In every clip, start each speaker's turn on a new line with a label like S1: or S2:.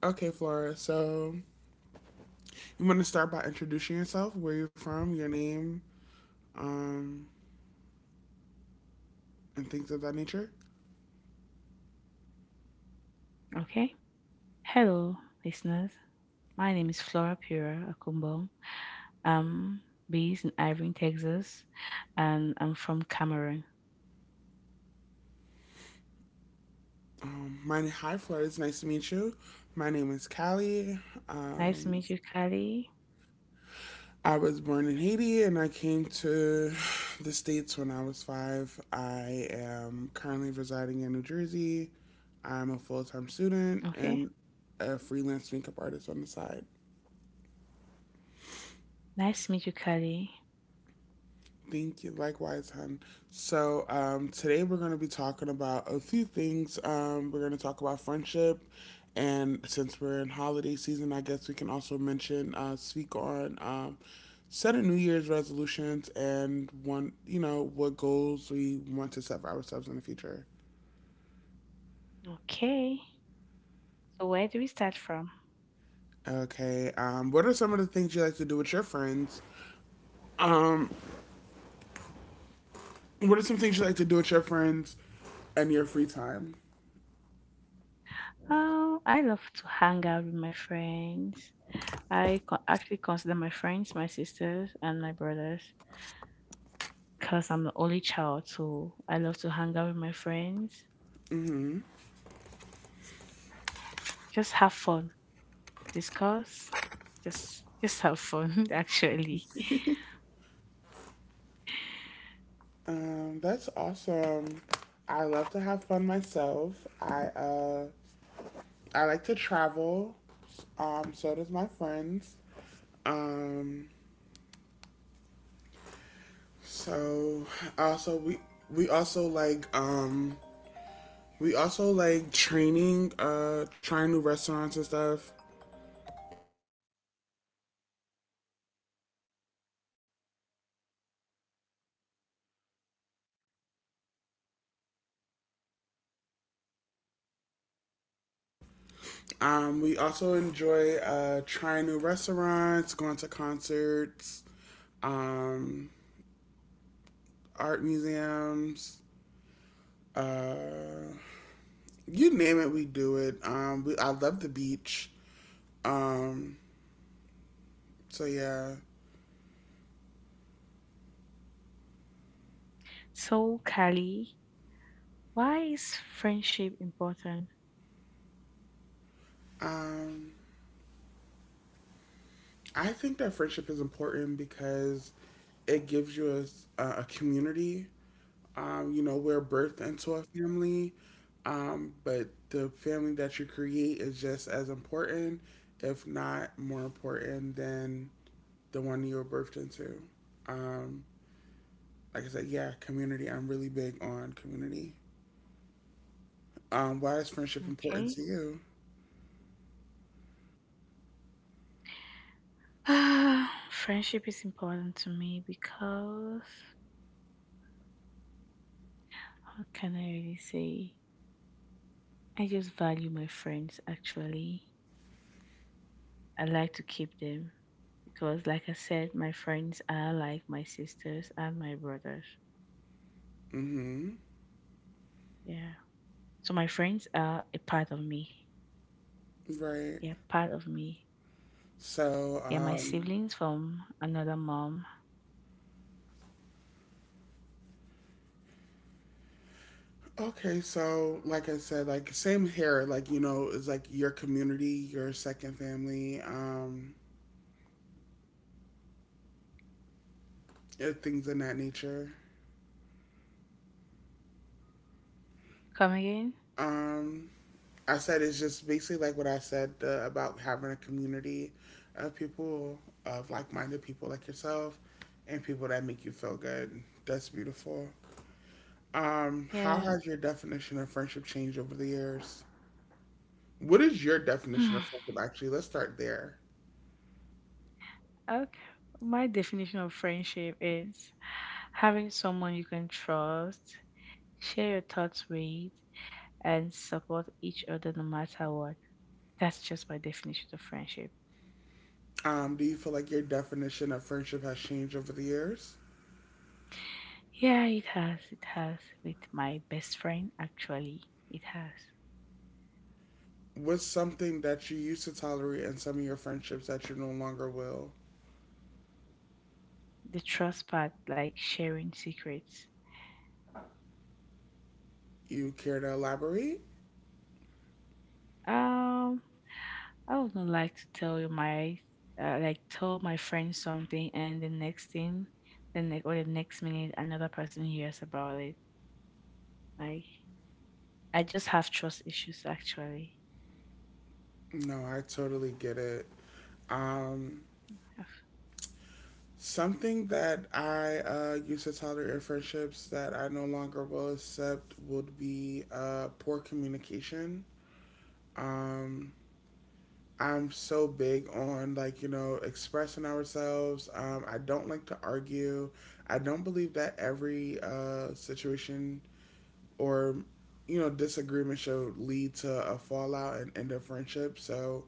S1: Okay, Flora. So you want to start by introducing yourself, where you're from, your name, um, and things of that nature.
S2: Okay. Hello, listeners. My name is Flora Pura Akumbong. I'm based in Irving, Texas, and I'm from Cameroon.
S1: My hi, Flora. It's nice to meet you. My name is Callie.
S2: Nice to
S1: Um,
S2: meet you, Kali.
S1: I was born in Haiti, and I came to the states when I was five. I am currently residing in New Jersey. I'm a full time student
S2: Okay.
S1: and a freelance makeup artist on the side.
S2: Nice to meet you, Kali.
S1: Thank you. Likewise, hun. So, today we're going to be talking about a few things. We're going to talk about friendship. And since we're in holiday season, I guess we can also mention, speak on set of New Year's resolutions and one, what goals we want to set for ourselves in the future.
S2: Okay. So, where do we start from?
S1: Okay. What are some of the things you like to do with your friends? Um, what are some things you like to do with your friends and your free time?
S2: Oh, I love to hang out with my friends. I actually consider my friends my sisters and my brothers because I'm the only child, so I love to hang out with my friends. Just have fun discuss, just have fun actually.
S1: That's awesome. I love to have fun myself. I like to travel. So does my friends. Um, so also we also like trying new restaurants and stuff. We also enjoy trying new restaurants, going to concerts, um, art museums, uh, you name it, we do it. I love the beach. Um, so yeah,
S2: So, Kali, why is friendship important?
S1: um, I think that friendship is important because it gives you a community. You know, we're birthed into a family, but the family that you create is just as important, if not more important, than the one you were birthed into. Um, like I said, yeah, community. I'm really big on community. Why is friendship important
S2: Okay.
S1: to you?
S2: Friendship is important to me because how can I really say? I just value my friends actually. I like to keep them because like I said, my friends are like my sisters and my brothers.
S1: Mm-hmm.
S2: Yeah. So my friends are a part of me.
S1: Right.
S2: Yeah, part of me.
S1: So,
S2: Yeah, my siblings from another mom.
S1: okay, so like I said, like same here, like you know, it's like your community, your second family, things in that nature.
S2: Come again?
S1: Um, I said it's just basically like what I said about having a community of people, of like-minded people like yourself, and people that make you feel good. That's beautiful. How
S2: Yeah.
S1: has your definition of friendship changed over the years? What is your definition
S2: Hmm.
S1: of friendship? Actually, let's start there.
S2: Okay. My definition of friendship is having someone you can trust, share your thoughts with, and support each other no matter what. That's just my definition of friendship.
S1: Do you feel like your definition of friendship has changed over the years?
S2: Yeah, it has. It has with my best friend, actually. It has.
S1: What's something that you used to tolerate in some of your friendships that you no longer will?
S2: The trust part, like sharing secrets.
S1: You care to elaborate?
S2: Um, I would not like to tell you my like tell my friend something and the next thing, the next or the next minute another person hears about it. Like I just have trust issues actually.
S1: No, I totally get it. Um,
S2: Have-
S1: something that I used to tolerate in friendships that I no longer will accept would be poor communication. Um, I'm so big on like you know expressing ourselves. I don't like to argue. I don't believe that every situation or you know disagreement should lead to a fallout and end of friendship. So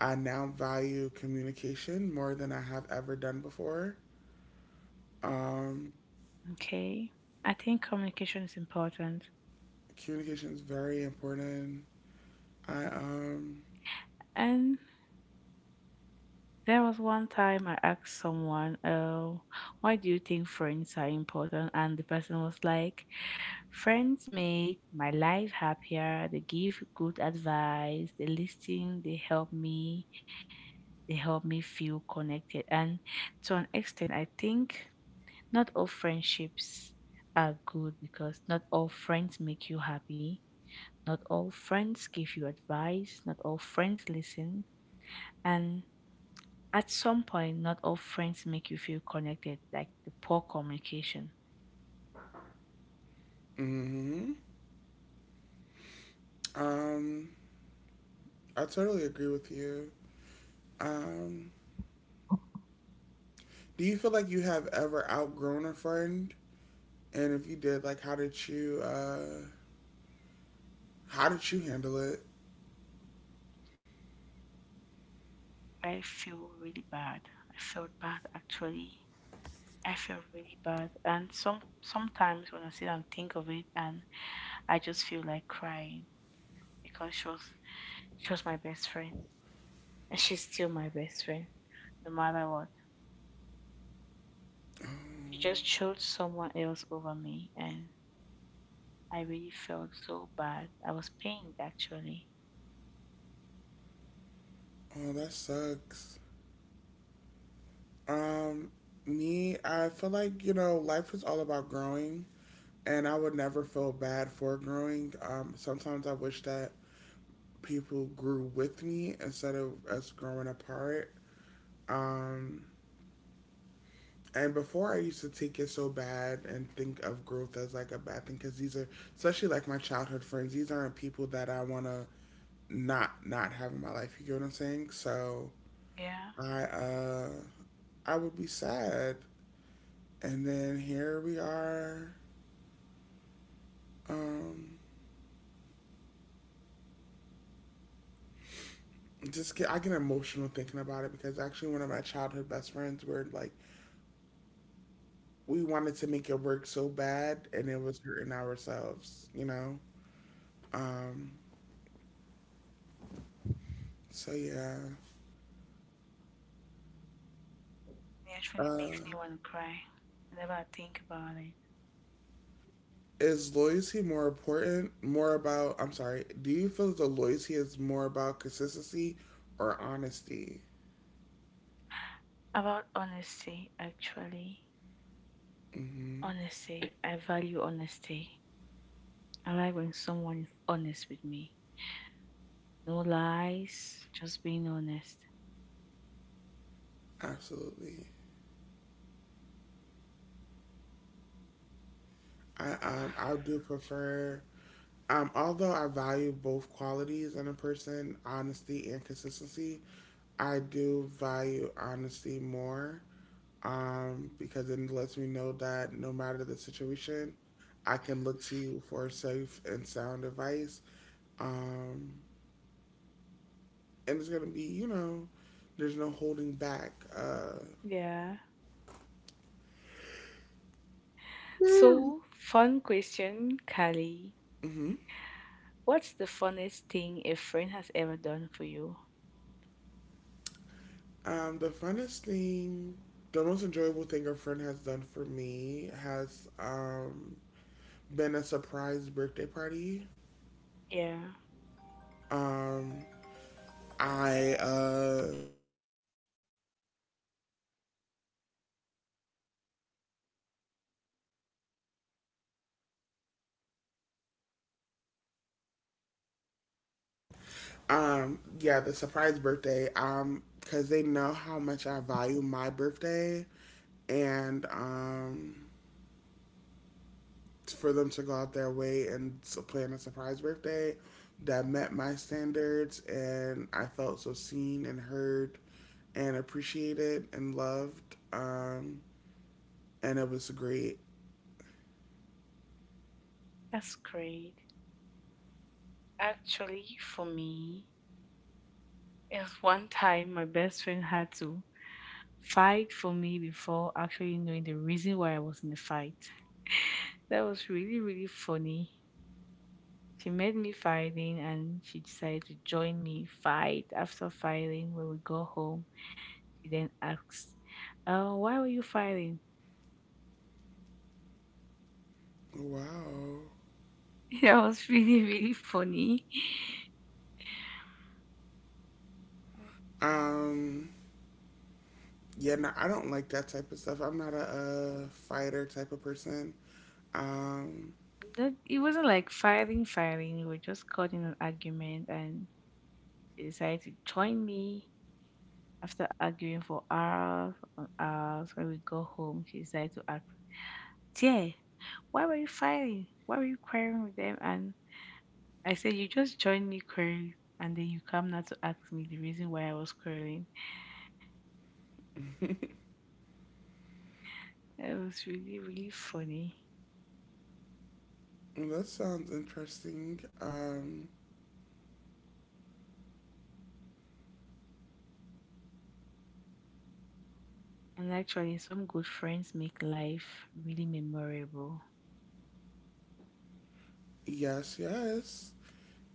S1: I now value communication more than I have ever done before. Um,
S2: Okay. I think communication is important.
S1: communication is very important. I
S2: And there was one time I asked someone, oh, why do you think friends are important? And the person was like, friends make my life happier. They give good advice. They listen. They help me feel connected. And to an extent, I think not all friendships are good because not all friends make you happy. Not all friends give you advice. Not all friends listen. And at some point, not all friends make you feel connected, like the poor communication.
S1: hmm um, I totally agree with you. Um, Do you feel like you have ever outgrown a friend? And if you did, like, how did you handle it?
S2: I feel really bad. I felt bad actually. I feel really bad. And sometimes when I sit and think of it and I just feel like crying, because she was my best friend, and she's still my best friend no matter what.
S1: Oh,
S2: She just chose someone else over me, and I really felt so bad. I was pained actually.
S1: oh, that sucks. Um, me, I feel like, you know, life is all about growing, and I would never feel bad for growing. Sometimes I wish that people grew with me instead of us growing apart. Um, And before I used to take it so bad and think of growth as like a bad thing because these are, especially like my childhood friends, these aren't people that I want to not have in my life. You get what I'm saying? So
S2: Yeah,
S1: I, uh, I would be sad. And then here we are. Um, just get I get emotional thinking about it because actually one of my childhood best friends were like we wanted to make it work so bad and it was hurting ourselves, you know. Um, so yeah.
S2: it actually
S1: Uh,
S2: makes me want to cry whenever I think about it.
S1: is loyalty more important? More about, I'm sorry, do you feel that the loyalty is more about consistency or honesty?
S2: About honesty actually.
S1: Hmm.
S2: Honesty, I value honesty. I like when someone is honest with me. No lies, just being honest.
S1: Absolutely. I um, I do prefer um, although I value both qualities in a person, honesty and consistency, I do value honesty more. Because it lets me know that no matter the situation, I can look to you for safe and sound advice. Um, and it's gonna be you know, there's no holding back.
S2: Yeah, so fun question, Kali.
S1: Hmm
S2: What's the funniest thing a friend has ever done for you?
S1: the funnest thing, the most enjoyable thing a friend has done for me has been a surprise birthday party.
S2: Yeah,
S1: Um, I yeah, the surprise birthday. Because they know how much I value my birthday, and for them to go out their way and plan a surprise birthday that met my standards and I felt so seen and heard and appreciated and loved um, and it was great.
S2: that's great. Actually, for me, it was one time my best friend had to fight for me before actually knowing the reason why I was in the fight. That was really, really funny. She made me fighting and she decided to join me fight after fighting. When we got home, she then asked, "Oh, why were you fighting?"
S1: Wow.
S2: That was really, really funny.
S1: Um, yeah, no, I don't like that type of stuff. I'm not a fighter type of person. Um,
S2: That it wasn't like fighting, fighting. We were just caught in an argument, and she decided to join me after arguing for hours upon hours. When we got home, she decided to ask, "Dear, why were you fighting? Why were you quarreling with them?" And I said, "You just joined me quarreling, and then you come now to ask me the reason why I was quarreling." It was really, really funny.
S1: well, that sounds interesting. Um,
S2: And actually, some good friends make life really memorable.
S1: yes, yes.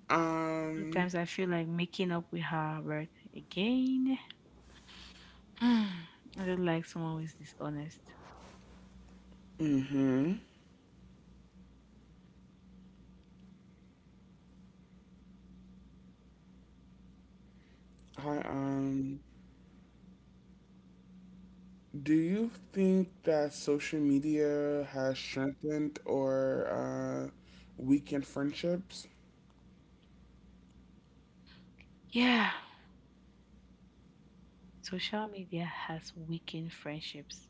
S1: Um,
S2: Sometimes I feel like making up with her, but again. Mm, I don't like someone who is dishonest.
S1: mhm. I um, do you think that social media has strengthened or weakened friendships?
S2: Yeah, social media has weakened friendships.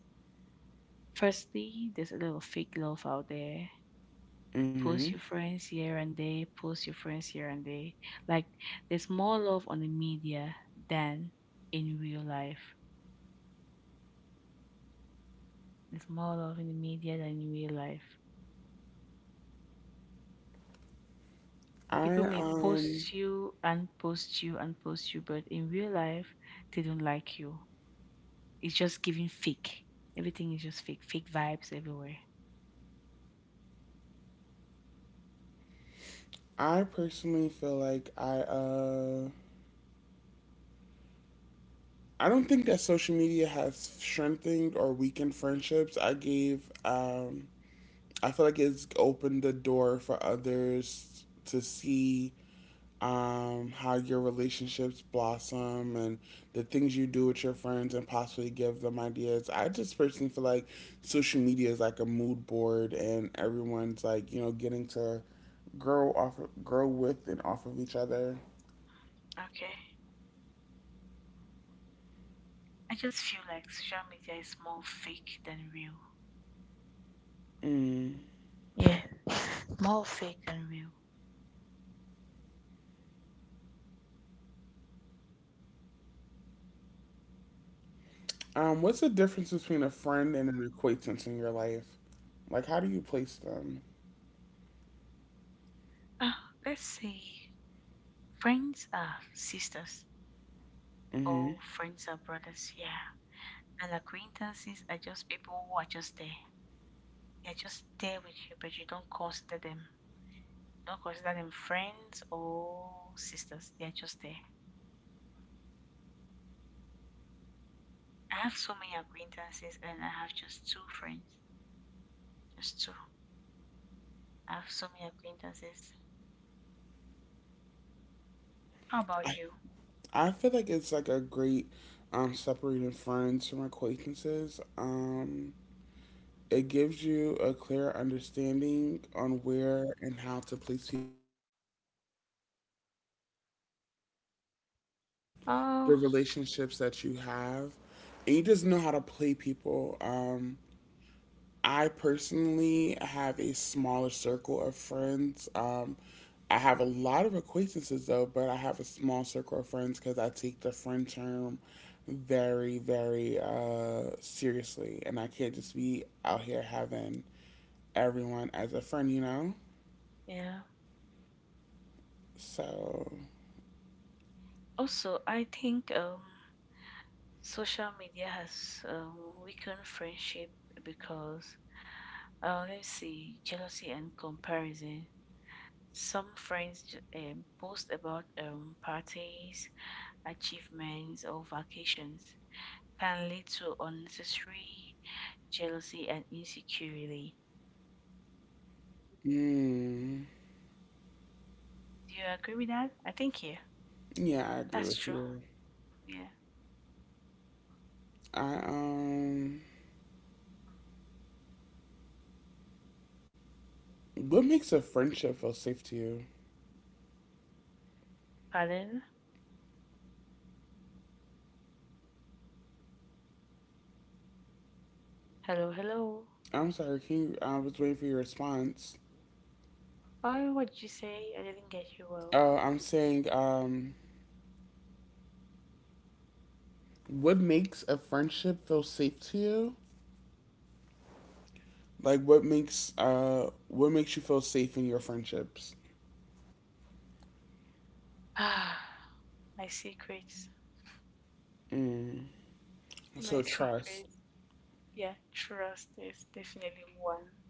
S2: Firstly, there's a lot of fake love out there.
S1: Mm-hmm.
S2: Post your friends here and there, post your friends here and there. Like, there's more love on the media than in real life. There's more love in the media than in real life.
S1: I
S2: People may
S1: um,
S2: post you and post you and post you, but in real life, they don't like you. It's just giving fake. Everything is just fake, fake vibes everywhere.
S1: I personally feel like I don't think that social media has strengthened or weakened friendships. I gave um, I feel like it's opened the door for others to see how your relationships blossom and the things you do with your friends and possibly give them ideas. I just personally feel like social media is like a mood board and everyone's like, you know, getting to grow off grow with and off of each other.
S2: Okay. I just feel like social media is more fake than real.
S1: Mm.
S2: Yeah, more fake than real.
S1: What's the difference between a friend and an acquaintance in your life? Like, how do you place them?
S2: Ah, let's say friends are sisters or
S1: Hmm.
S2: friends are brothers, yeah. And acquaintances are just people who are just there. They're just there with you, but you don't consider them. You don't consider them friends or sisters. They're just there. I have so many acquaintances and I have just two friends. Just two. I have so many acquaintances. How about
S1: I,
S2: you?
S1: I feel like it's like a great separating friends from acquaintances. It gives you a clear understanding on where and how to place people,
S2: Oh,
S1: the relationships that you have, and you just know how to play people. I personally have a smaller circle of friends. I have a lot of acquaintances though, but I have a small circle of friends because I take the friend term very, very seriously, and I can't just be out here having everyone as a friend, you know?
S2: yeah.
S1: So.
S2: Also, I think social media has um, weakened friendship because, let's see, jealousy and comparison. Some friends post about parties, achievements, or vacations can lead to unnecessary jealousy and insecurity.
S1: Mm.
S2: Do you agree with that? I think, yeah,
S1: Yeah, I agree
S2: that's
S1: with
S2: true.
S1: you.
S2: Yeah.
S1: I what makes a friendship feel safe to you?
S2: Pardon? Hello, hello.
S1: I'm sorry, can you? I was waiting for your response.
S2: Why, what did you say? I didn't get you well.
S1: Oh, I'm saying what makes a friendship feel safe to you? Like what makes you feel safe in your friendships?
S2: Ah, my secrets. My
S1: So trust.
S2: secrets. Yeah, trust is definitely one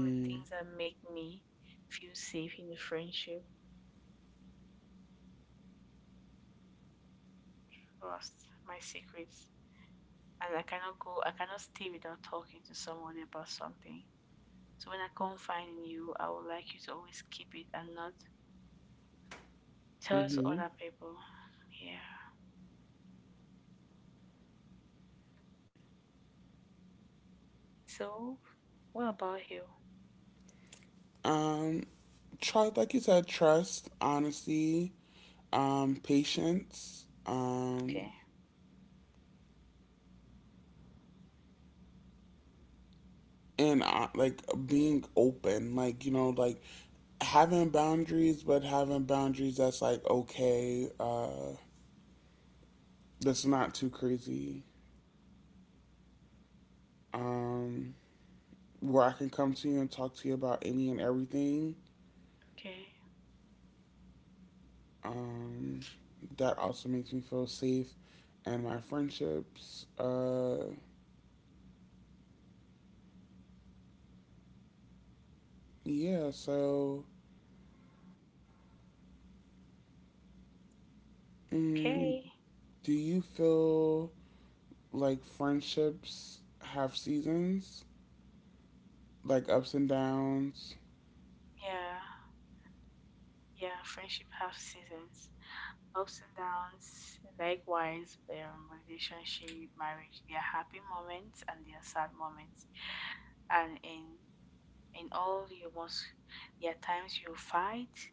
S2: of the things that make me feel safe in the friendship. Trust my secrets. And I cannot stay without talking to someone about something. So when I confide in you, I would like you to always keep it and not tell to
S1: mm-hmm.
S2: other people. Yeah. So, what about you?
S1: Um, try like you said, trust, honesty, patience,
S2: Okay.
S1: and like being open like you know like having boundaries but having boundaries that's like okay uh, that's not too crazy um, where I can come to you and talk to you about any and everything
S2: Okay.
S1: um, that also makes me feel safe and my friendships uh, yeah so mm,
S2: Okay.
S1: do you feel like friendships have seasons like ups and downs?
S2: Yeah. Yeah. Friendship have seasons. Ups and downs, likewise, relationship, marriage, there are happy moments and there are sad moments. And in all, you must, there are times you fight,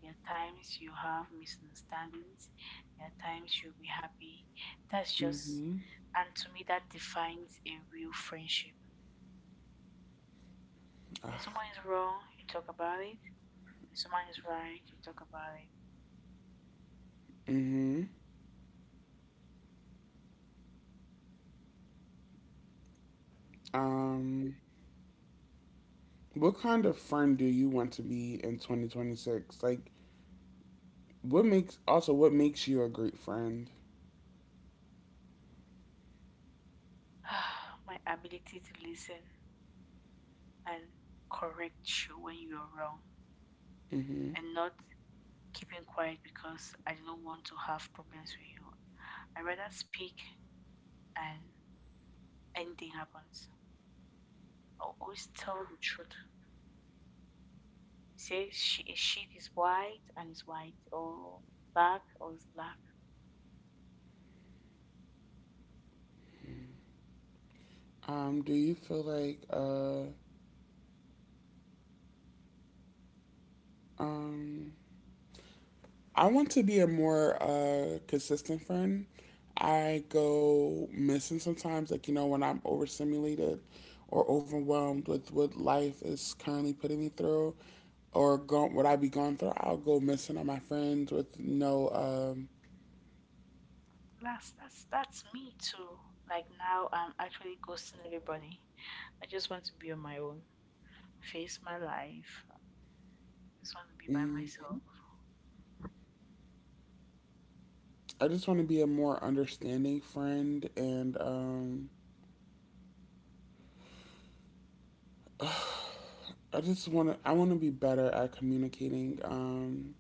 S2: there are times you have misunderstandings, there are times you'll be happy. That's just, and to me, that defines a real friendship. When someone is wrong, you talk about it. When someone is right, you talk about it.
S1: Mm-hmm. Um, what kind of friend do you want to be in 2026? Like, what makes also what makes you a great friend?
S2: My ability to listen and correct you when you're wrong
S1: Mm-hmm.
S2: and not keeping quiet because I do not want to have problems with you. I rather speak and anything happens. I'll always tell the truth. Say she, a sheet is white and it's white, or black or it's black.
S1: Do you feel like uh, um, I want to be a more consistent friend. I go missing sometimes, like you know when I'm overstimulated or overwhelmed with what life is currently putting me through, what I be going through. I'll go missing on my friends with no um,
S2: That's me too. Like now, I'm actually ghosting everybody. I just want to be on my own, face my life. I just want to be by
S1: mm,
S2: myself.
S1: I just want to be a more understanding friend, and I just want to. I want to be better at communicating,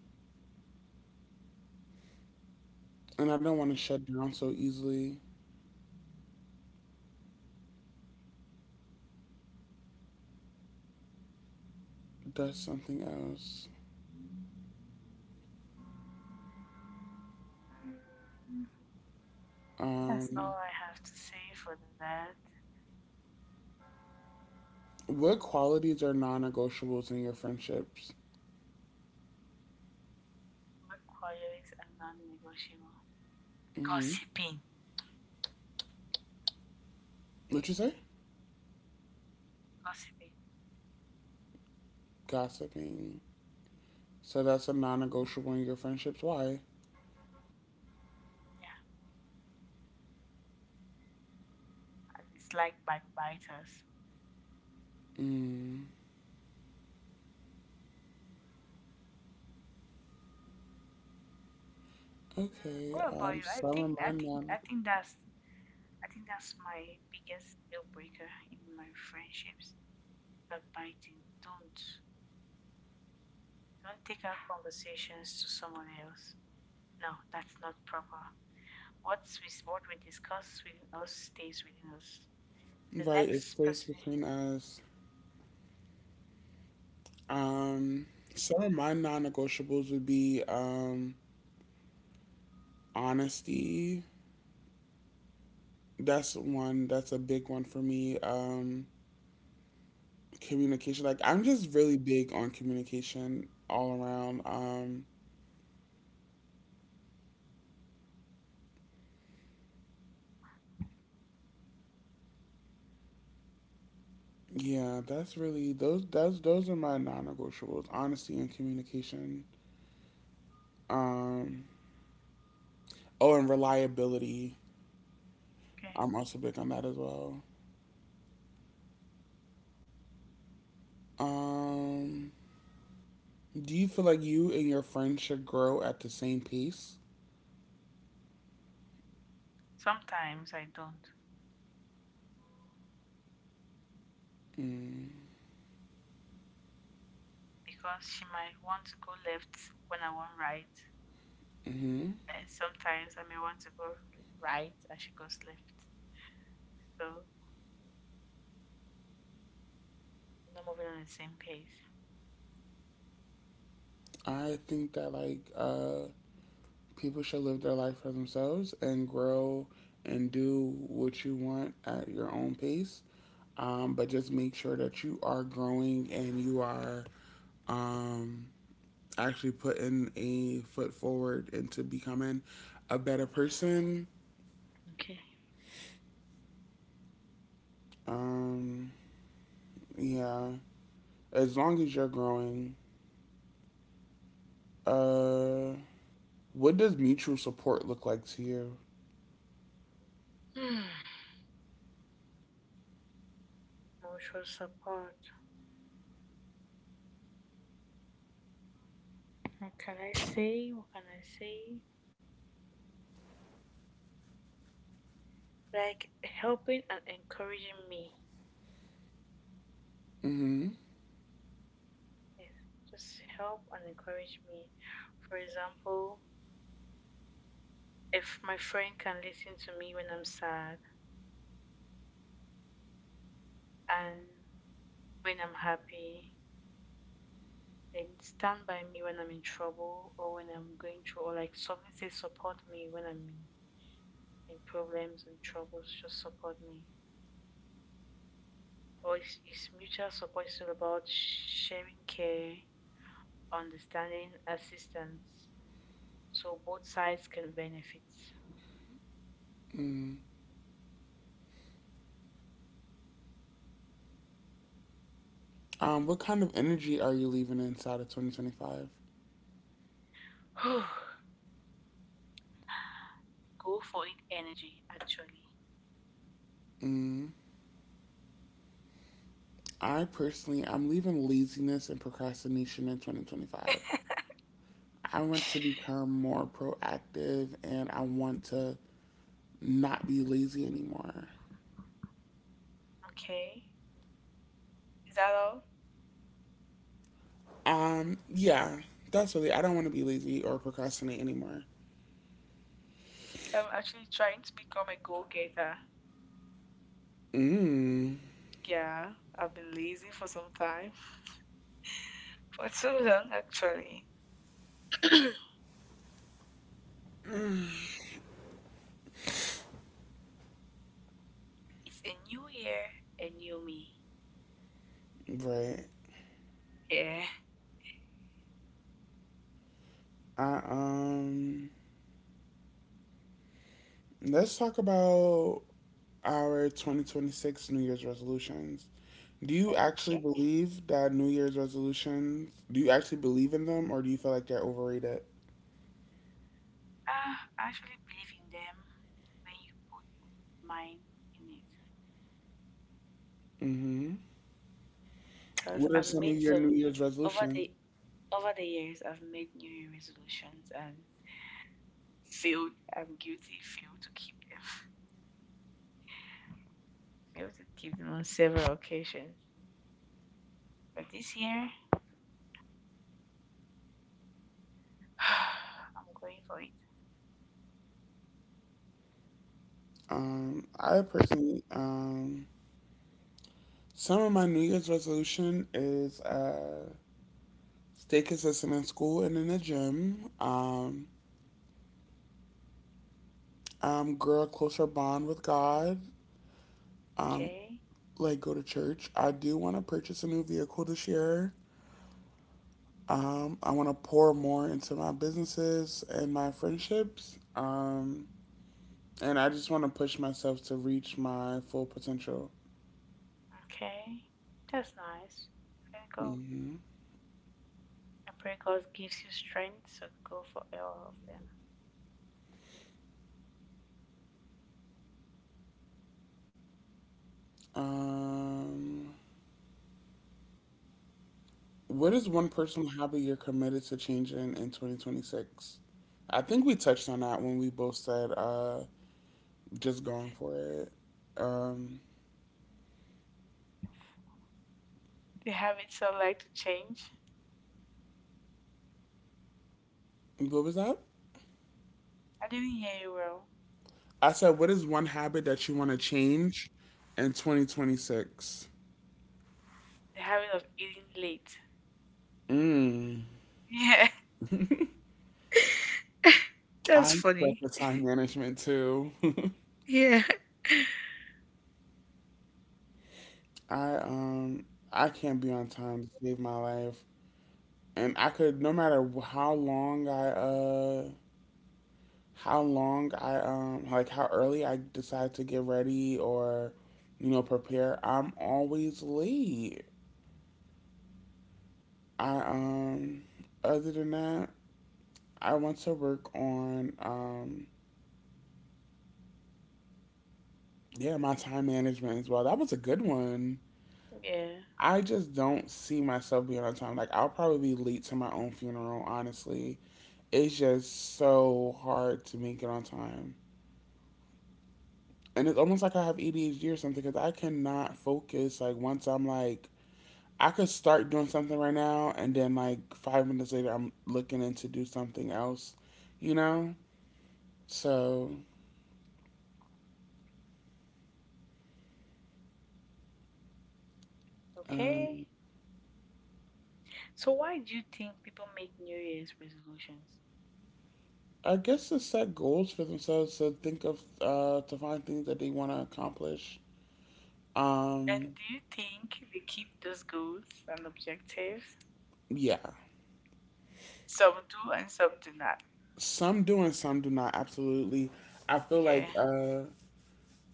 S1: and I don't want to shut down so easily. That's something else.
S2: Mm, that's all
S1: Um,
S2: I have to say for that.
S1: what qualities are non-negotiables in your friendships?
S2: Work qualities are non-negotiable.
S1: Mm-hmm.
S2: Gossiping.
S1: What'd you say?
S2: Gossiping.
S1: Gossiping. So that's a non-negotiable in your friendships. Why?
S2: Yeah. I dislike backbiters.
S1: Mm,
S2: Mm, what
S1: okay.
S2: about you? I
S1: Some
S2: think
S1: of
S2: I
S1: my
S2: think I
S1: non.
S2: think that's— I think that's my biggest deal breaker in my friendships. Backbiting. Don't take our conversations to someone else. No, that's not proper. What's we, what we discuss within us stays within us. The
S1: Right. It
S2: next
S1: stays
S2: person.
S1: between us. Um, some of my non-negotiables would be honesty. That's one. That's a big one for me. Communication. Like I'm just really big on communication all around. Yeah, that's really those. That's those are my non-negotiables. Honesty and communication. Um, oh, and reliability.
S2: Okay.
S1: I'm also big on that as well. Um, do you feel like you and your friends should grow at the same pace?
S2: Sometimes I don't
S1: Mm,
S2: because she might want to go left when I want right.
S1: mm-hmm.
S2: Eh, sometimes I may want to go right and she goes left. So we're not moving on the same pace.
S1: I think that like people should live their life for themselves and grow and do what you want at your own pace. But just make sure that you are growing and you are um, actually putting a foot forward into becoming a better person.
S2: Okay.
S1: Um, yeah, as long as you're growing. Uh, what does mutual support look like to you?
S2: Hmm. Mutual support. What can I say? What can I say? Like helping and encouraging me.
S1: Mm-hmm.
S2: Yes. Just help and encourage me. For example, if my friend can listen to me when I'm sad and when I'm happy, then stand by me when I'm in trouble or when I'm going through, or like something says support me when I'm in problems and troubles, just support me. Or it's mutual support, it's all about sharing care, understanding, assistance, so both sides can benefit.
S1: Mm. What kind of energy are you leaving inside of 2025?
S2: Go for it energy, actually.
S1: Mm, I personally, I'm leaving laziness and procrastination in 2025. I want to become more proactive and I want to not be lazy anymore.
S2: Okay, is that all?
S1: Yeah, that's really, I don't want to be lazy or procrastinate anymore.
S2: I'm actually trying to become a go getter.
S1: Mm,
S2: Yeah, I've been lazy for some time. For too long, actually. It's a new year, a new me.
S1: right.
S2: Yeah.
S1: I, um, let's talk about our 2026 New Year's resolutions. Do you actually
S2: Okay.
S1: believe that New Year's resolutions, do you actually believe in them, or do you feel like they're overrated?
S2: I actually believe in them when you put all your mind in it.
S1: Hmm.
S2: Because
S1: What are
S2: I've
S1: some of
S2: made
S1: your
S2: some
S1: New Year's
S2: over
S1: resolutions?
S2: the over the years I've made New Year resolutions and failed. I'm guilty, failed to keep them. Failed to keep them on several occasions. But this year I'm going for it.
S1: I personally, some of my New Year's resolution is stay consistent in school and in the gym. Grow a closer bond with God,
S2: Okay?
S1: like go to church. I do want to purchase a new vehicle this year. I want to pour more into my businesses and my friendships. And I just want to push myself to reach my full potential.
S2: Okay. That's nice. Pray God.
S1: Hmm.
S2: I pray God gives you strength so go for all of them.
S1: Um, what is one personal hobby you're committed to changing in 2026? I think we touched on that when we both said just going for it. Um,
S2: The habits I like to change.
S1: what was that?
S2: I didn't hear you well.
S1: I said, what is one habit that you want to change in 2026?
S2: The habit of eating late. Yeah. That's
S1: I suck
S2: funny.
S1: at time management too.
S2: Yeah.
S1: I um I can't be on time to save my life, and I could no matter how long I like how early I decide to get ready or you know prepare, I'm always late. I Other than that, I want to work on yeah, my time management as well. That was a good one.
S2: Yeah.
S1: I just don't see myself being on time. Like I'll probably be late to my own funeral, honestly. It's just so hard to make it on time. And it's almost like I have ADHD or something because I cannot focus. Like once I'm like I could start doing something right now and then like five minutes later I'm looking in to do something else, you know? So
S2: Okay.
S1: um
S2: So why do you think people make New Year's resolutions?
S1: I guess to set goals for themselves, to think of to find things that they wanna accomplish.
S2: And
S1: Um
S2: do you think they keep those goals and objectives?
S1: yeah.
S2: Some do and some do not.
S1: Some do and some do not, absolutely. I feel like
S2: Yeah.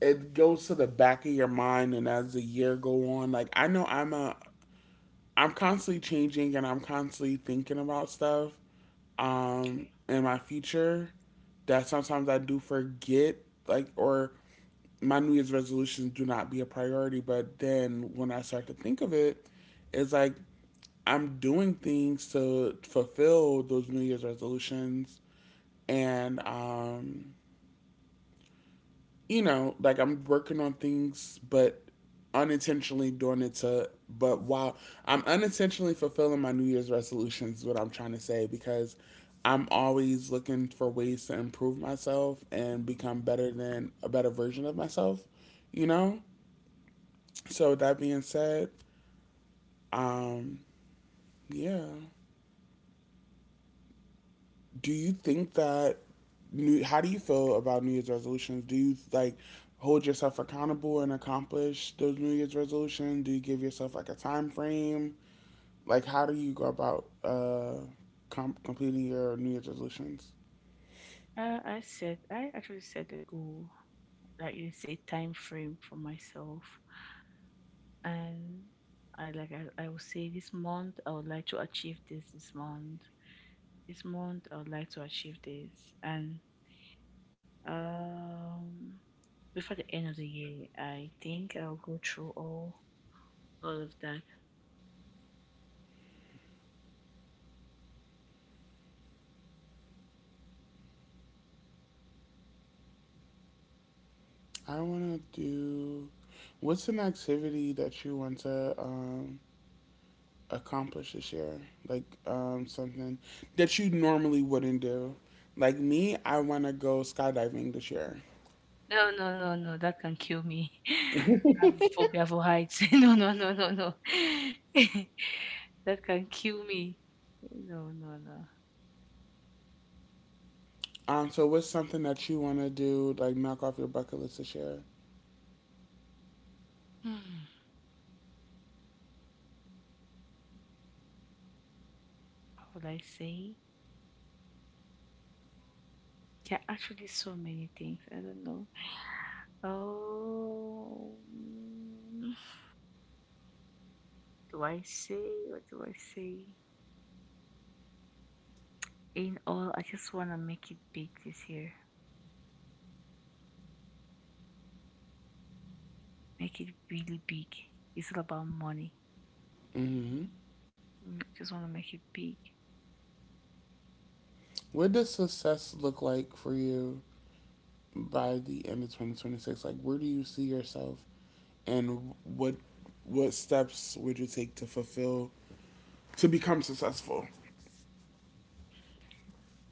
S1: it goes to the back of your mind, and as the year go on, like I know I'm constantly changing and I'm constantly thinking about stuff in my future, that sometimes I do forget, like or my New Year's resolutions do not be a priority, but then when I start to think of it, it's like I'm doing things to fulfill those New Year's resolutions, and you know, like I'm working on things, but unintentionally doing it to. But while I'm unintentionally fulfilling my New Year's resolutions, is what I'm trying to say, because I'm always looking for ways to improve myself and become better than a better version of myself. You know. So with that being said, um, yeah. Do you think that new how do you feel about new year's resolutions? Do you like hold yourself accountable and accomplish those new year's resolutions? Do you give yourself like a time frame, like how do you go about completing your new year's resolutions?
S2: I said I actually set a goal, like you say, time frame for myself, and I will say this month I would like to achieve this this month. This month, I would like to achieve this. And um, before the end of the year, I think I'll go through all of that.
S1: I want to do What's an activity that you want to accomplish this year, like something that you normally wouldn't do? Like me, I want to go skydiving this year.
S2: No, no, no, no. That can kill me. I have phobia for heights. No, no, no, no, no. That can kill me. No, no, no.
S1: So what's something that you want to do, like knock off your bucket list this year?
S2: Hmm. What would I say? There are actually so many things. I don't know. Oh, do I say? What do I say? In all, I just want to make it big this year. Make it really big. It's all about money. I just want to make it big.
S1: What does success look like for you by the end of 2026? Like, where do you see yourself, and what steps would you take to fulfill to become successful?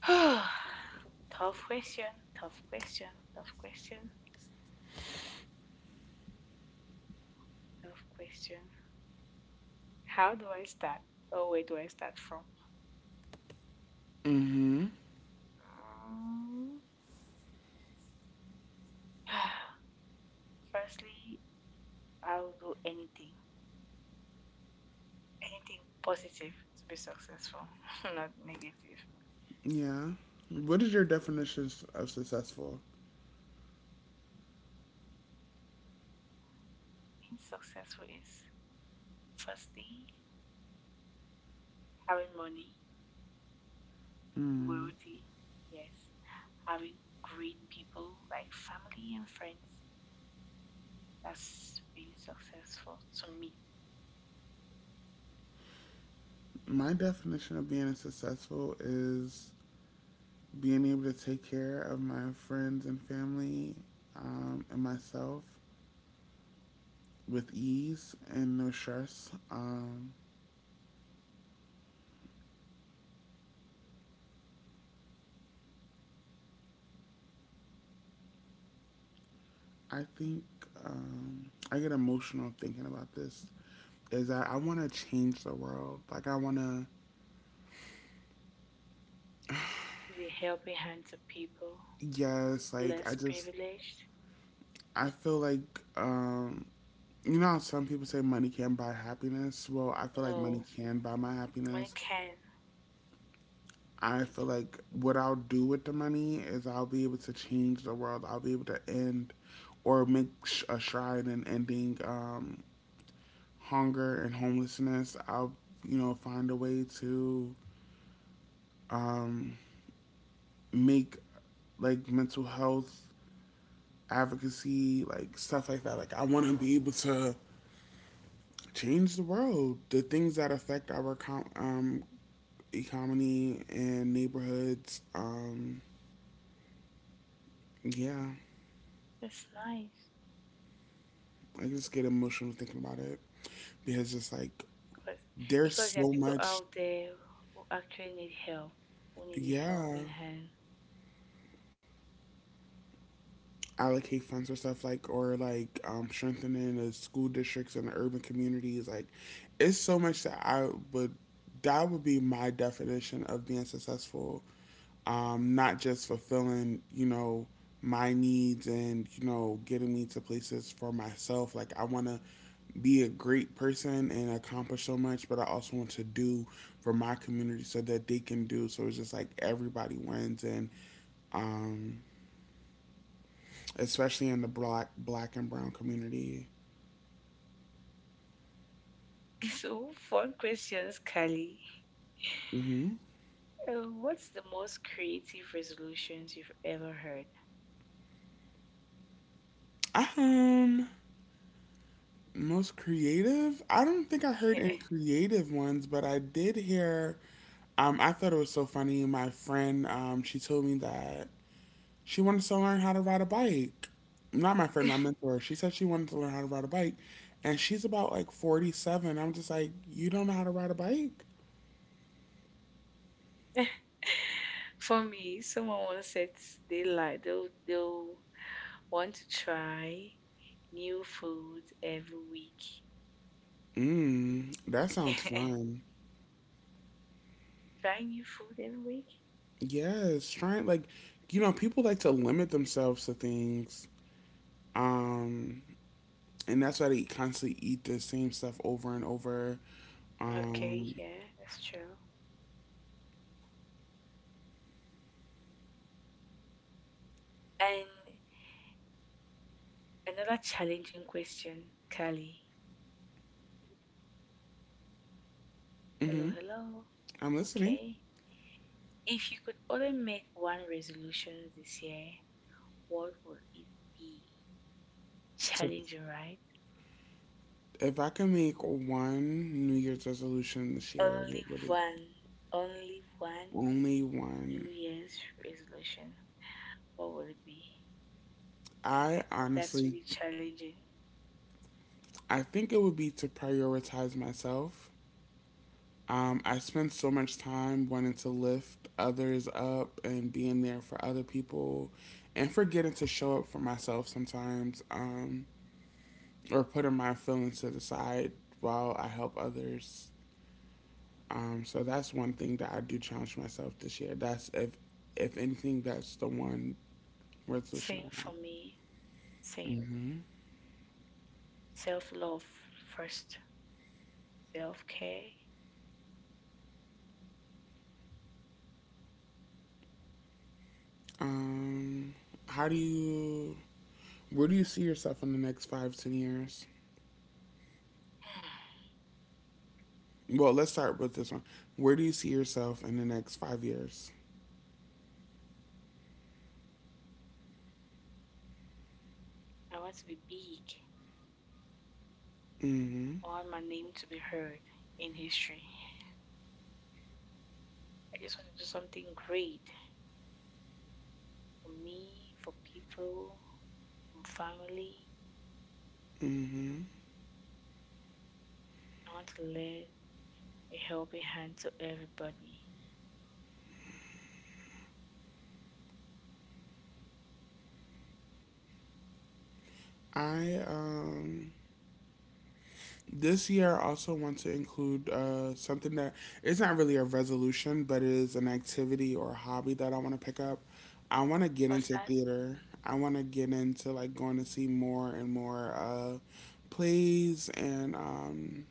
S2: tough question, tough question, tough question, tough question. How do I start? Oh, where do I start from? Mm, firstly, I'll do anything, anything positive to be successful, not negative.
S1: Yeah. What is your definition of successful?
S2: Being successful is firstly having money, loyalty, yes, having great people like family and friends. That's been successful to me.
S1: My definition of being successful is being able to take care of my friends and family and myself with ease and no stress. I think I get emotional thinking about this. Is that I want to change the world? Like I want to.
S2: Give a helping hand to people
S1: Yes, like
S2: less
S1: I just.
S2: privileged.
S1: I feel like you know how some people say money can't buy happiness. Well, I feel like
S2: No,
S1: money can buy my
S2: money
S1: happiness.
S2: can.
S1: I feel like what I'll do with the money is I'll be able to change the world. I'll be able to end or make a stride in ending hunger and homelessness. I'll you know find a way to um, make like mental health advocacy, like stuff like that. Like I want to be able to change the world, the things that affect our um, economy and neighborhoods. Yeah,
S2: That's nice.
S1: I just get emotional thinking about it because just like
S2: Because, because
S1: there's
S2: there are
S1: so
S2: people
S1: much.
S2: out there who actually need help, who need a helping
S1: Yeah,
S2: hand.
S1: allocate funds for stuff like or like strengthening the school districts and the urban communities. Like, it's so much that I would that would be my definition of being successful. Not just fulfilling, you know, my needs and you know getting me to places for myself. Like I want to be a great person and accomplish so much, but I also want to do for my community so that they can do, so it's just like everybody wins. And um especially in the black and brown community.
S2: So, fun questions, Kali.
S1: Mm-hmm.
S2: What's the most creative resolutions you've ever heard?
S1: Um, most creative. I don't think I heard any creative ones, but I did hear. I thought it was so funny. My friend, she told me that she wanted to learn how to ride a bike. Not my friend, my mentor. She said she wanted to learn how to ride a bike, and she's about like 47. I'm just like, you don't know how to ride a bike?
S2: For me, someone once said they like they'll want to try new food every week.
S1: Mm, that sounds
S2: Yeah.
S1: fun.
S2: Try new food every week?
S1: Yes, trying like you know, people like to limit themselves to things. Um and that's why they constantly eat the same stuff over and over.
S2: Okay,
S1: Um
S2: yeah, that's true. And another challenging question, Kali.
S1: hmm.
S2: Hello, hello.
S1: I'm listening.
S2: Okay. If you could only make one resolution this year, what would it be?
S1: So
S2: Challenging, right?
S1: if I can make one New Year's resolution this year,
S2: Only
S1: what would it.
S2: one. Only one.
S1: Only one?
S2: New Year's resolution, what would it be?
S1: I
S2: I think that's
S1: honestly
S2: really challenging.
S1: I think it would be to prioritize myself. I spend so much time wanting to lift others up and being there for other people and forgetting to show up for myself sometimes, or putting my feelings to the side while I help others. So that's one thing that I do challenge myself this year. That's if anything, that's the one resolution
S2: Same
S1: I
S2: for
S1: have.
S2: me. Same. Self love first. Self care.
S1: Um, how do you where do you see yourself in the next 5 to 10 years? Well, let's start with this one. Where do you see yourself in the next 5 years?
S2: I want to be big.
S1: Hmm.
S2: I want my name to be heard in history. I just want to do something great for me, for people, for family. I want to lend a helping hand to everybody.
S1: I this year I also want to include something that it's not really a resolution, but it is an activity or a hobby that I want to pick up. I want to get
S2: What's
S1: into
S2: that?
S1: theater. I want to get into like going to see more and more plays and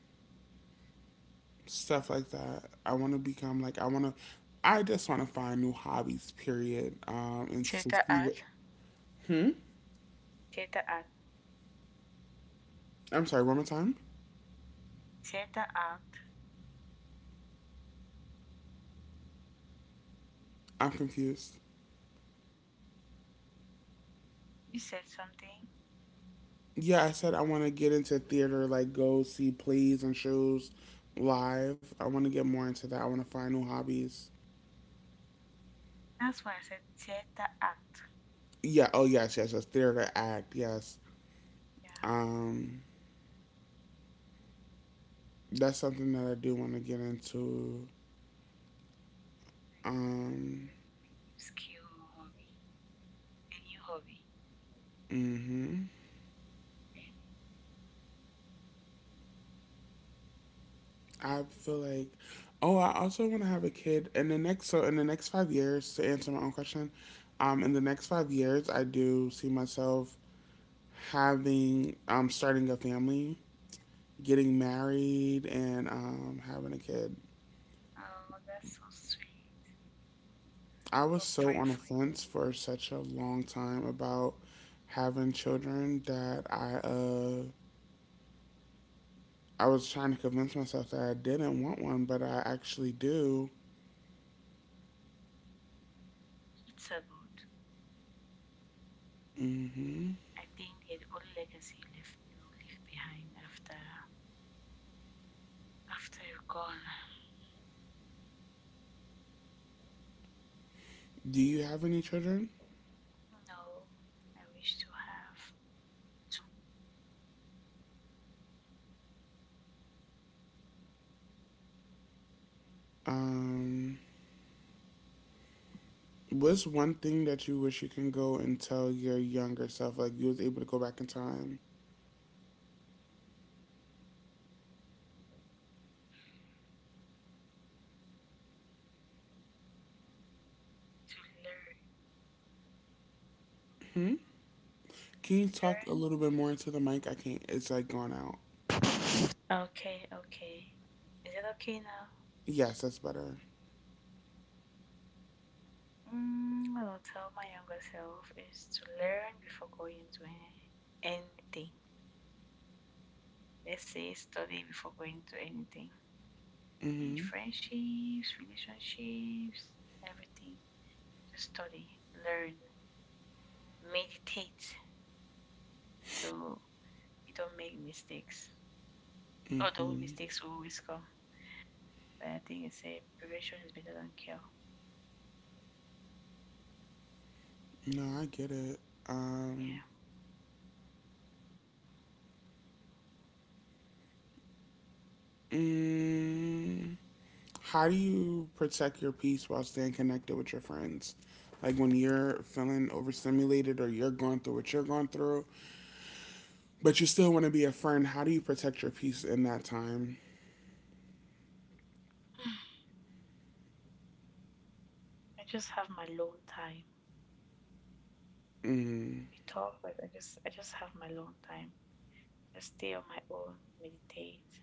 S1: stuff like that. I want to become like I want to. I just want to find new hobbies. Period. And to
S2: Theater
S1: see what.
S2: art.
S1: Hmm.
S2: Theater art.
S1: I'm sorry. One more time.
S2: Theater art.
S1: I'm confused.
S2: You said something.
S1: Yeah, I said I want to get into theater, like go see plays and shows live. I want to get more into that. I want to find new hobbies.
S2: That's why I said theater act.
S1: Yeah. Oh, yes, yes, yes. Theater act. Yes.
S2: Yeah.
S1: Um, that's something that I do want to get into.
S2: Like you want to
S1: Um,
S2: develop a new skill or hobby. A new hobby.
S1: hmm.
S2: Okay.
S1: I feel like. Oh, I also want to have a kid in the next. So in the next 5 years, to answer my own question, in the next 5 years, I do see myself having starting a family, getting married, and having a kid.
S2: Oh, that's so sweet.
S1: I was
S2: I'll
S1: so
S2: pray
S1: on the
S2: for you.
S1: fence for such a long time about having children that I was trying to convince myself that I didn't want one, but I actually do.
S2: It's so good.
S1: Hmm.
S2: I think the only legacy you left you will leave behind after after you're gone.
S1: Do you have any children?
S2: No. I wish to have to
S1: Um, what's one thing that you wish you can go and tell your younger self, like you was able to go back in time?
S2: to learn.
S1: Hmm? Can you talk
S2: To
S1: a little bit more into the mic? I can't. It's like going out.
S2: learn. Okay, okay. Is it okay now?
S1: Yes, that's better.
S2: Mm, I will tell my younger self is to learn before going to any, anything. Let's say study before going to anything. Be it
S1: Hmm.
S2: friendships, relationships, everything. Just study, learn, meditate so you don't make mistakes. Although
S1: Hmm.
S2: mistakes will always come. But I think it's a prevention is better than cure.
S1: No, I get it.
S2: Yeah.
S1: Um, mm, how do you protect your peace while staying connected with your friends? Like when you're feeling overstimulated or you're going through what you're going through, but you still want to be a friend, how do you protect your peace in that time?
S2: I just have my alone time.
S1: Mm.
S2: We talk but I just have my alone time. Just stay on my own, meditate.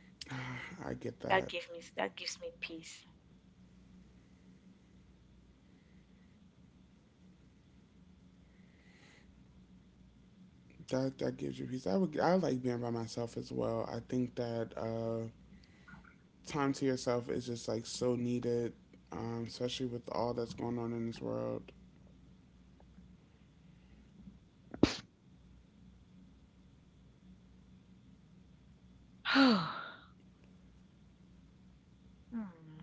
S1: I get
S2: That
S1: that.
S2: gives me that gives me peace.
S1: That gives you peace. I like being by myself as well. I think that time to yourself is just like so needed, especially with all that's going on in this world.
S2: Hmm.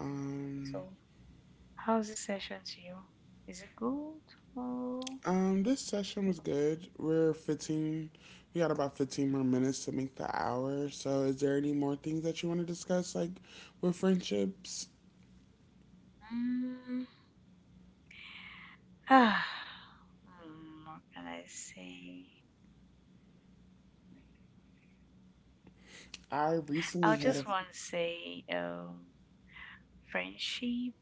S1: Um,
S2: So, how's this session to you? Is it good? Or…
S1: this session was good. We got about 15 more minutes to make the hour. So, is there any more things that you want to discuss, like with friendships?
S2: Mm. Hmm, what can I say?
S1: I
S2: I
S1: recently had a.
S2: just want to say, friendship,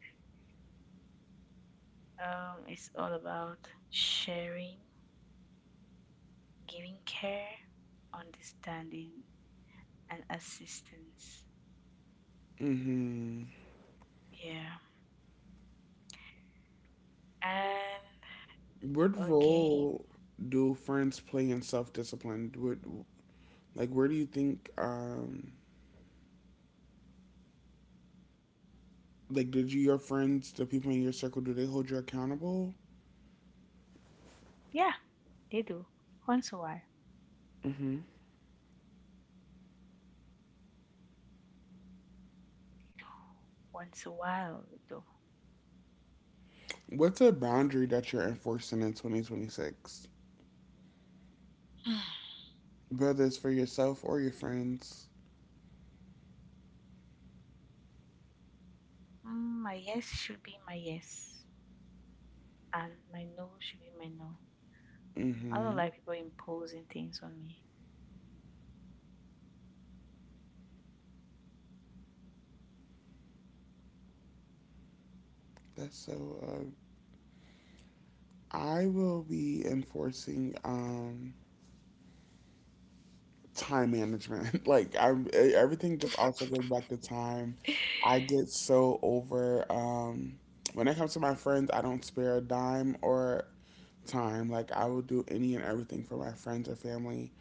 S2: is all about sharing, giving care, understanding, and assistance.
S1: Mm-hmm.
S2: Yeah. And
S1: What
S2: again,
S1: role do friends play in self discipline? What, like, where do you think, like, did you, your friends, the people in your circle, do they hold you accountable?
S2: yeah, they do once a while.
S1: Mm-hmm.
S2: Once a while, we do.
S1: What's a boundary that you're enforcing in 2026? Whether it's for yourself or your friends.
S2: Mm, my yes should be my yes, and my no should be my no. I don't
S1: Hmm.
S2: like people imposing things on me.
S1: That's so. Uh, I will be enforcing time management. Like everything just also goes back to time. I get so over. When it comes to my friends, I don't spare a dime or time. Like I will do any and everything for my friends or family.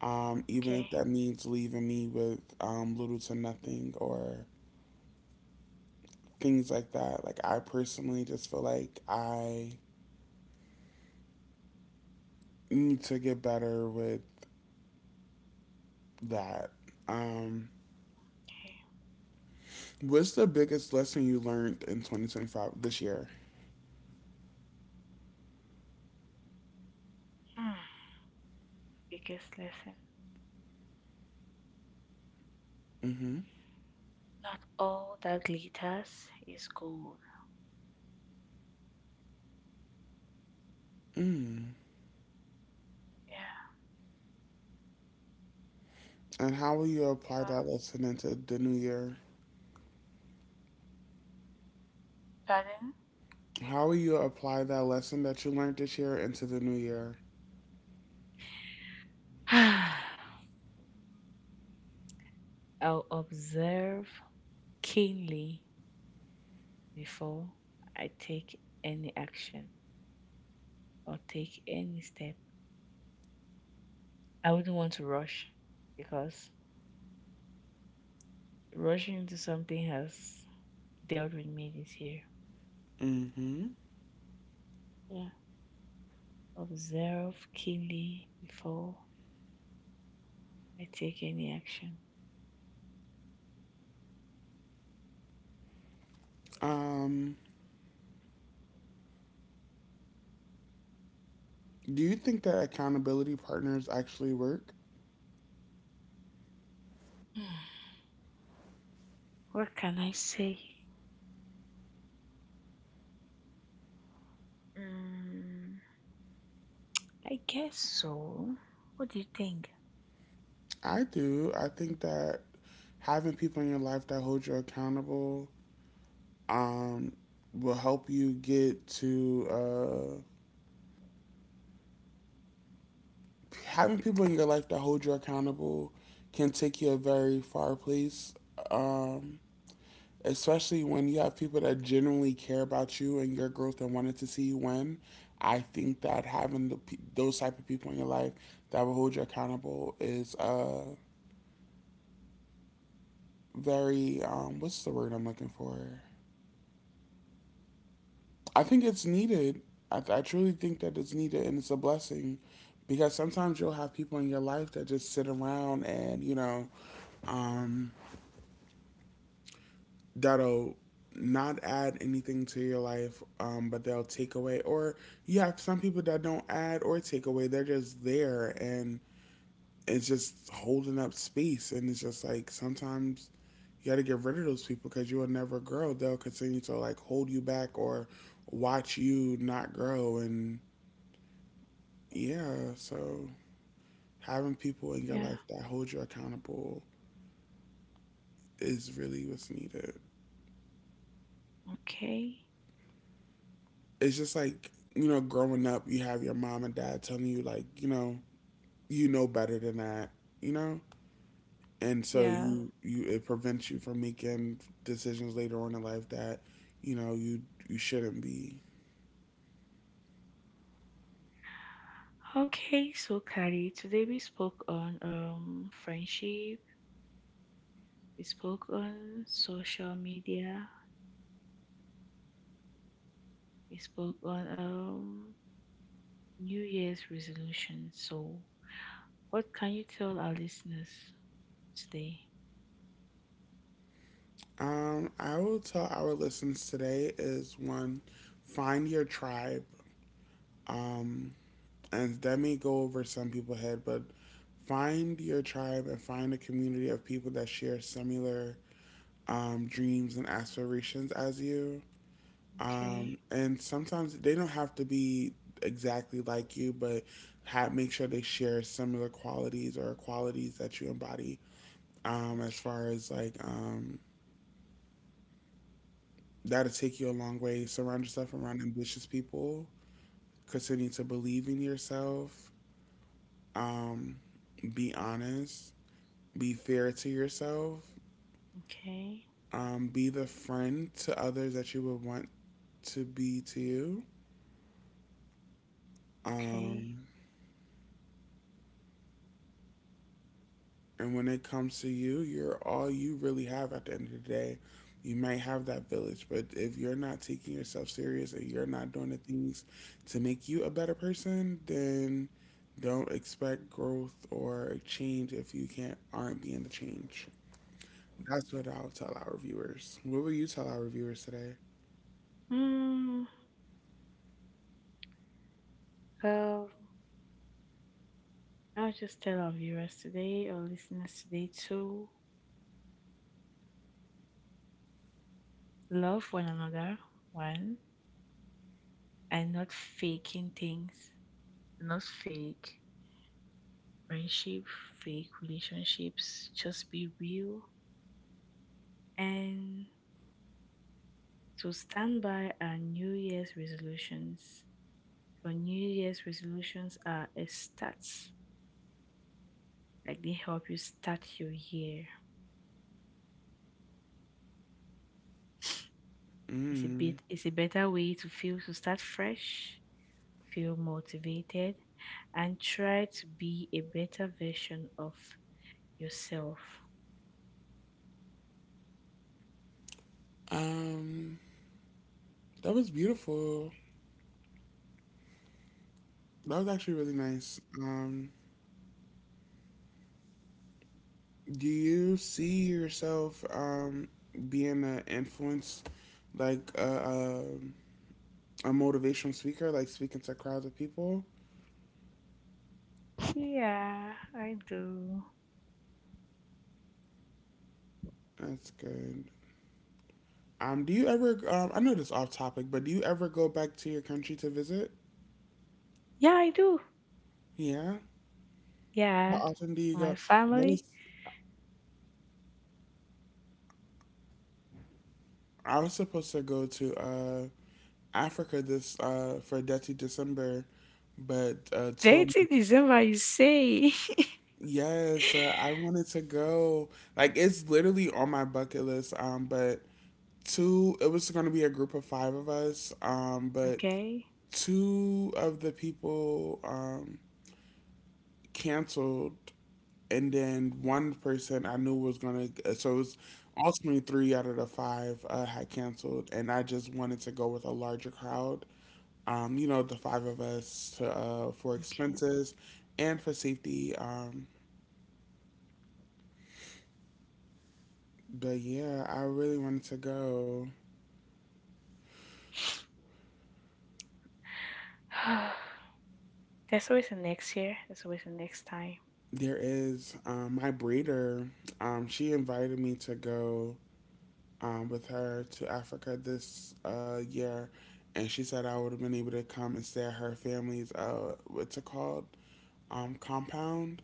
S1: Even if
S2: Okay,
S1: that means leaving me with little to nothing or things like that. Like I personally just feel like I need to get better with that. Um,
S2: okay.
S1: what's the biggest lesson you learned in 2025 this year?
S2: Mm. Biggest lesson.
S1: Hmm.
S2: Not all that glitters is gold.
S1: Mm.
S2: Yeah.
S1: And how will you apply
S2: You
S1: that lesson into the new year?
S2: know,
S1: How will you apply that lesson that you learned this year into the new year?
S2: pardon? I'll observe keenly before I take any action or take any step. I wouldn't want to rush because rushing into something has dealt with me this year.
S1: Hmm.
S2: Yeah. Observe keenly before I take any action.
S1: Um, do you think that accountability partners actually work?
S2: What can I say? Mm, I guess so. What do you think?
S1: I do. I think that having people in your life that hold you accountable um, will help you get to uh, having people in your life that hold you accountable can take you a very far place. Um, Especially when you have people that genuinely care about you and your growth and wanted to see you win. I think that having those type of people in your life that will hold you accountable is very what's the word I'm looking for? I think it's needed. I truly think that it's needed and it's a blessing because sometimes you'll have people in your life that just sit around and you know um, that'll not add anything to your life, but they'll take away. Or you have some people that don't add or take away. They're just there and it's just holding up space. And it's just like sometimes you got to get rid of those people because you will never grow. They'll continue to like hold you back or watch you not grow. And yeah, so having people in your
S2: Yeah.
S1: life that hold you accountable is really what's needed.
S2: Okay.
S1: It's just like you know growing up you have your mom and dad telling you like you know better than that you know, and so
S2: Yeah.
S1: you it prevents you from making decisions later on in life that you know you shouldn't be.
S2: Okay, so Carrie, today we spoke on friendship, we spoke on social media, we spoke on New Year's resolution. So what can you tell our listeners today?
S1: I will tell our listeners today is one, find your tribe, um, and that may go over some people's head, but find your tribe and find a community of people that share similar dreams and aspirations as you.
S2: Okay,
S1: And sometimes they don't have to be exactly like you, but have, make sure they share similar qualities or qualities that you embody. As far as like, that'll take you a long way. Surround yourself around ambitious people. Continue to believe in yourself. Um, be honest. Be fair to yourself.
S2: okay,
S1: Be the friend to others that you would want to be to you.
S2: okay.
S1: Um, And when it comes to you, you're all you really have at the end of the day. You might have that village, but if you're not taking yourself serious and you're not doing the things to make you a better person, then don't expect growth or change if you can't aren't being the change. That's what I'll tell our viewers. What will you tell our viewers today?
S2: Hmm. Well, I'll just tell our viewers today, our listeners today, to love one another, one, and not faking things, not fake friendship, fake relationships. Just be real and to stand by our New Year's resolutions. For New Year's resolutions are a start like they help you start your year. It's a
S1: Mm.
S2: bit it's a better way to feel to start fresh, feel motivated, and try to be a better version of yourself.
S1: Um, that was beautiful. That was actually really nice. Do you see yourself being an influence, like a motivational speaker, like speaking to crowds of people?
S2: Yeah, I do.
S1: That's good. Do you ever? I know this off topic, but do you ever go back to your country to visit?
S2: Yeah, I do.
S1: Yeah. How
S2: Yeah.
S1: often do you go?
S2: My
S1: I was
S2: family.
S1: I was supposed to go to Africa this for Dirty December, but two of my.
S2: Dating December, you say.
S1: Yes, I wanted to go. Like it's literally on my bucket list. But two, it was gonna be a group of five of us. But
S2: okay.
S1: two of the people canceled, and then one person I knew was gonna. So it was ultimately three out of the five had canceled, and I just wanted to go with a larger crowd. You know, the five of us to, for
S2: Okay.
S1: expenses and for safety. But yeah, I really wanted to go.
S2: There's always a next year. There's always a next time.
S1: There is my breeder. She invited me to go with her to Africa this year, and she said I would have been able to come and stay at her family's what's it called? Compound.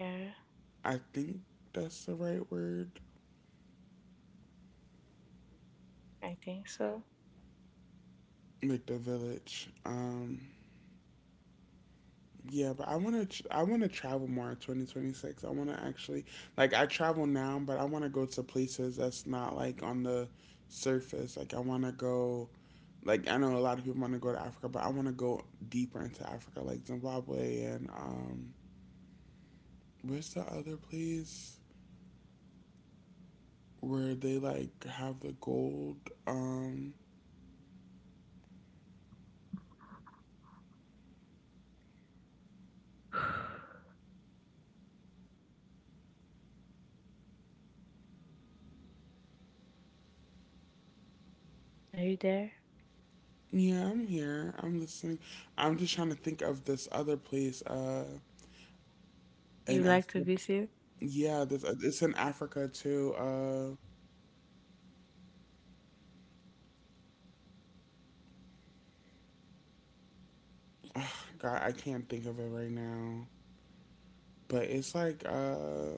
S2: Yeah,
S1: I think that's the right word.
S2: I think so.
S1: Like the village. Yeah, but I want to I want to travel more in 2026. I want to actually like I travel now, but I want to go to places that's not like on the surface. Like I want to go, like I know a lot of people want to go to Africa, but I want to go deeper into Africa, like Zimbabwe and where's the other place where they like have the gold, um,
S2: Are you there?
S1: yeah, I'm here. I'm listening. I'm just trying to think of this other place
S2: You
S1: in
S2: like to
S1: Africa.
S2: visit
S1: Yeah, this it's in Africa too. Ugh, God, I can't think of it right now. But it's like,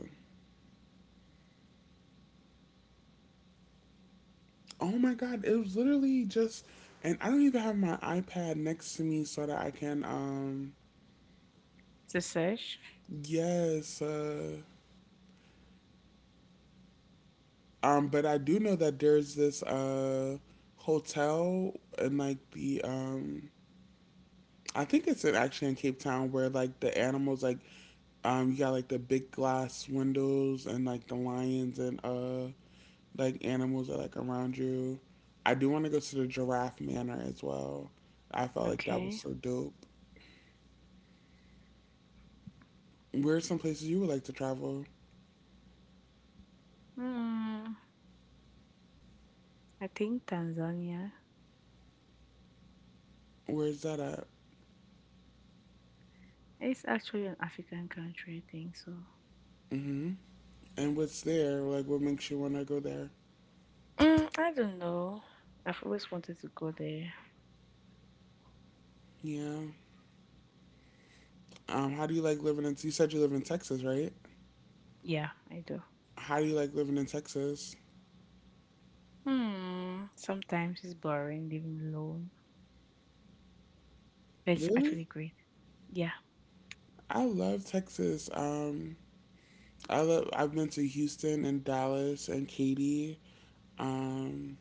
S1: oh my God, it was literally just, and I don't even have my iPad next to me so that I can,
S2: to search?
S1: yes, but I do know that there's this hotel in like the I think it's in, actually in Cape Town, where like the animals, like you got like the big glass windows and like the lions and like animals that like around you. I do want to go to the Giraffe Manor as well. I felt like that was
S2: Okay.
S1: so dope. Where are some places you would like to travel?
S2: Hmm. I think Tanzania.
S1: Where is that at?
S2: It's actually an African country, I think so.
S1: Hmm. And what's there? Like, what makes you want to go there?
S2: Mm, I don't know. I've always wanted to go there.
S1: Yeah. How do you like living in? You said you live in Texas, right?
S2: Yeah, I do.
S1: How do you like living in Texas?
S2: Hmm. Sometimes it's boring living alone, but it's
S1: Really?
S2: actually great. Yeah.
S1: I love Texas. I love. I've been to Houston and Dallas and Katy. Um,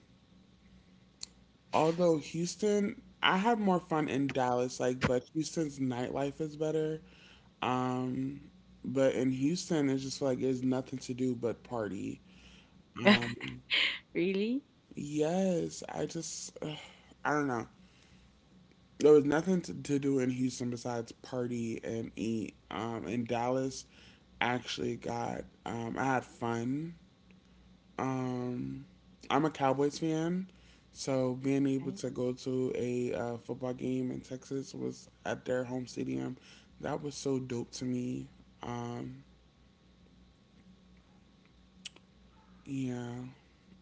S1: Although Houston, I have more fun in Dallas, like, but Houston's nightlife is better. Um, but in Houston, it's just like there's nothing to do but party. Um,
S2: really?
S1: yes, I just, ugh, I don't know. There was nothing to do in Houston besides party and eat. In Dallas, I actually got, I had fun. Um, I'm a Cowboys fan, so being able
S2: Okay.
S1: to go to a football game in Texas was at their home stadium. That was so dope to me. Um, yeah,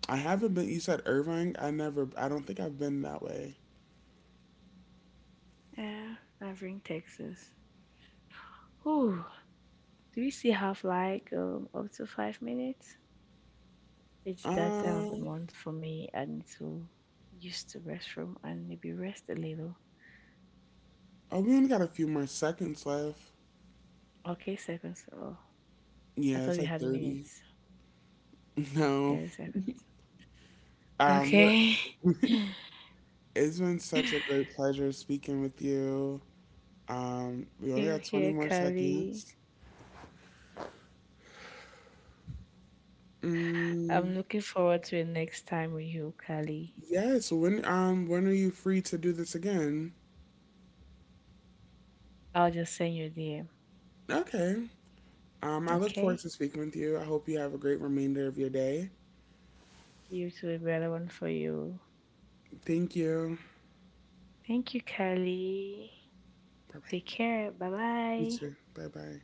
S1: I haven't been. You said Irvine. I never. I don't think I've been that way.
S2: Uh, Irving, Texas. Whew. Do we still have like up to 5 minutes? It's that time of the
S1: Um,
S2: month for me. I need to use the restroom and maybe rest a little.
S1: oh, we only got a few more seconds left.
S2: Okay, seconds. Oh, I
S1: Yeah,
S2: thought
S1: it's
S2: we
S1: like
S2: had
S1: 30.
S2: minutes.
S1: No.
S2: 30 seconds. Okay.
S1: We're- it's been such
S2: Same
S1: a great pleasure speaking with you. We only got 20
S2: here,
S1: more
S2: Kali.
S1: seconds. Mm,
S2: I'm looking forward to the next time with you, Kali.
S1: yes. When are you free to do this again?
S2: I'll just send you a DM.
S1: Okay. I look forward
S2: Okay?
S1: to speaking with you. I hope you have a great remainder of your day.
S2: You too, a better one for you.
S1: Thank you.
S2: Thank you, Kali.
S1: Bye bye.
S2: Take care. Bye
S1: You
S2: bye.
S1: too. Bye bye.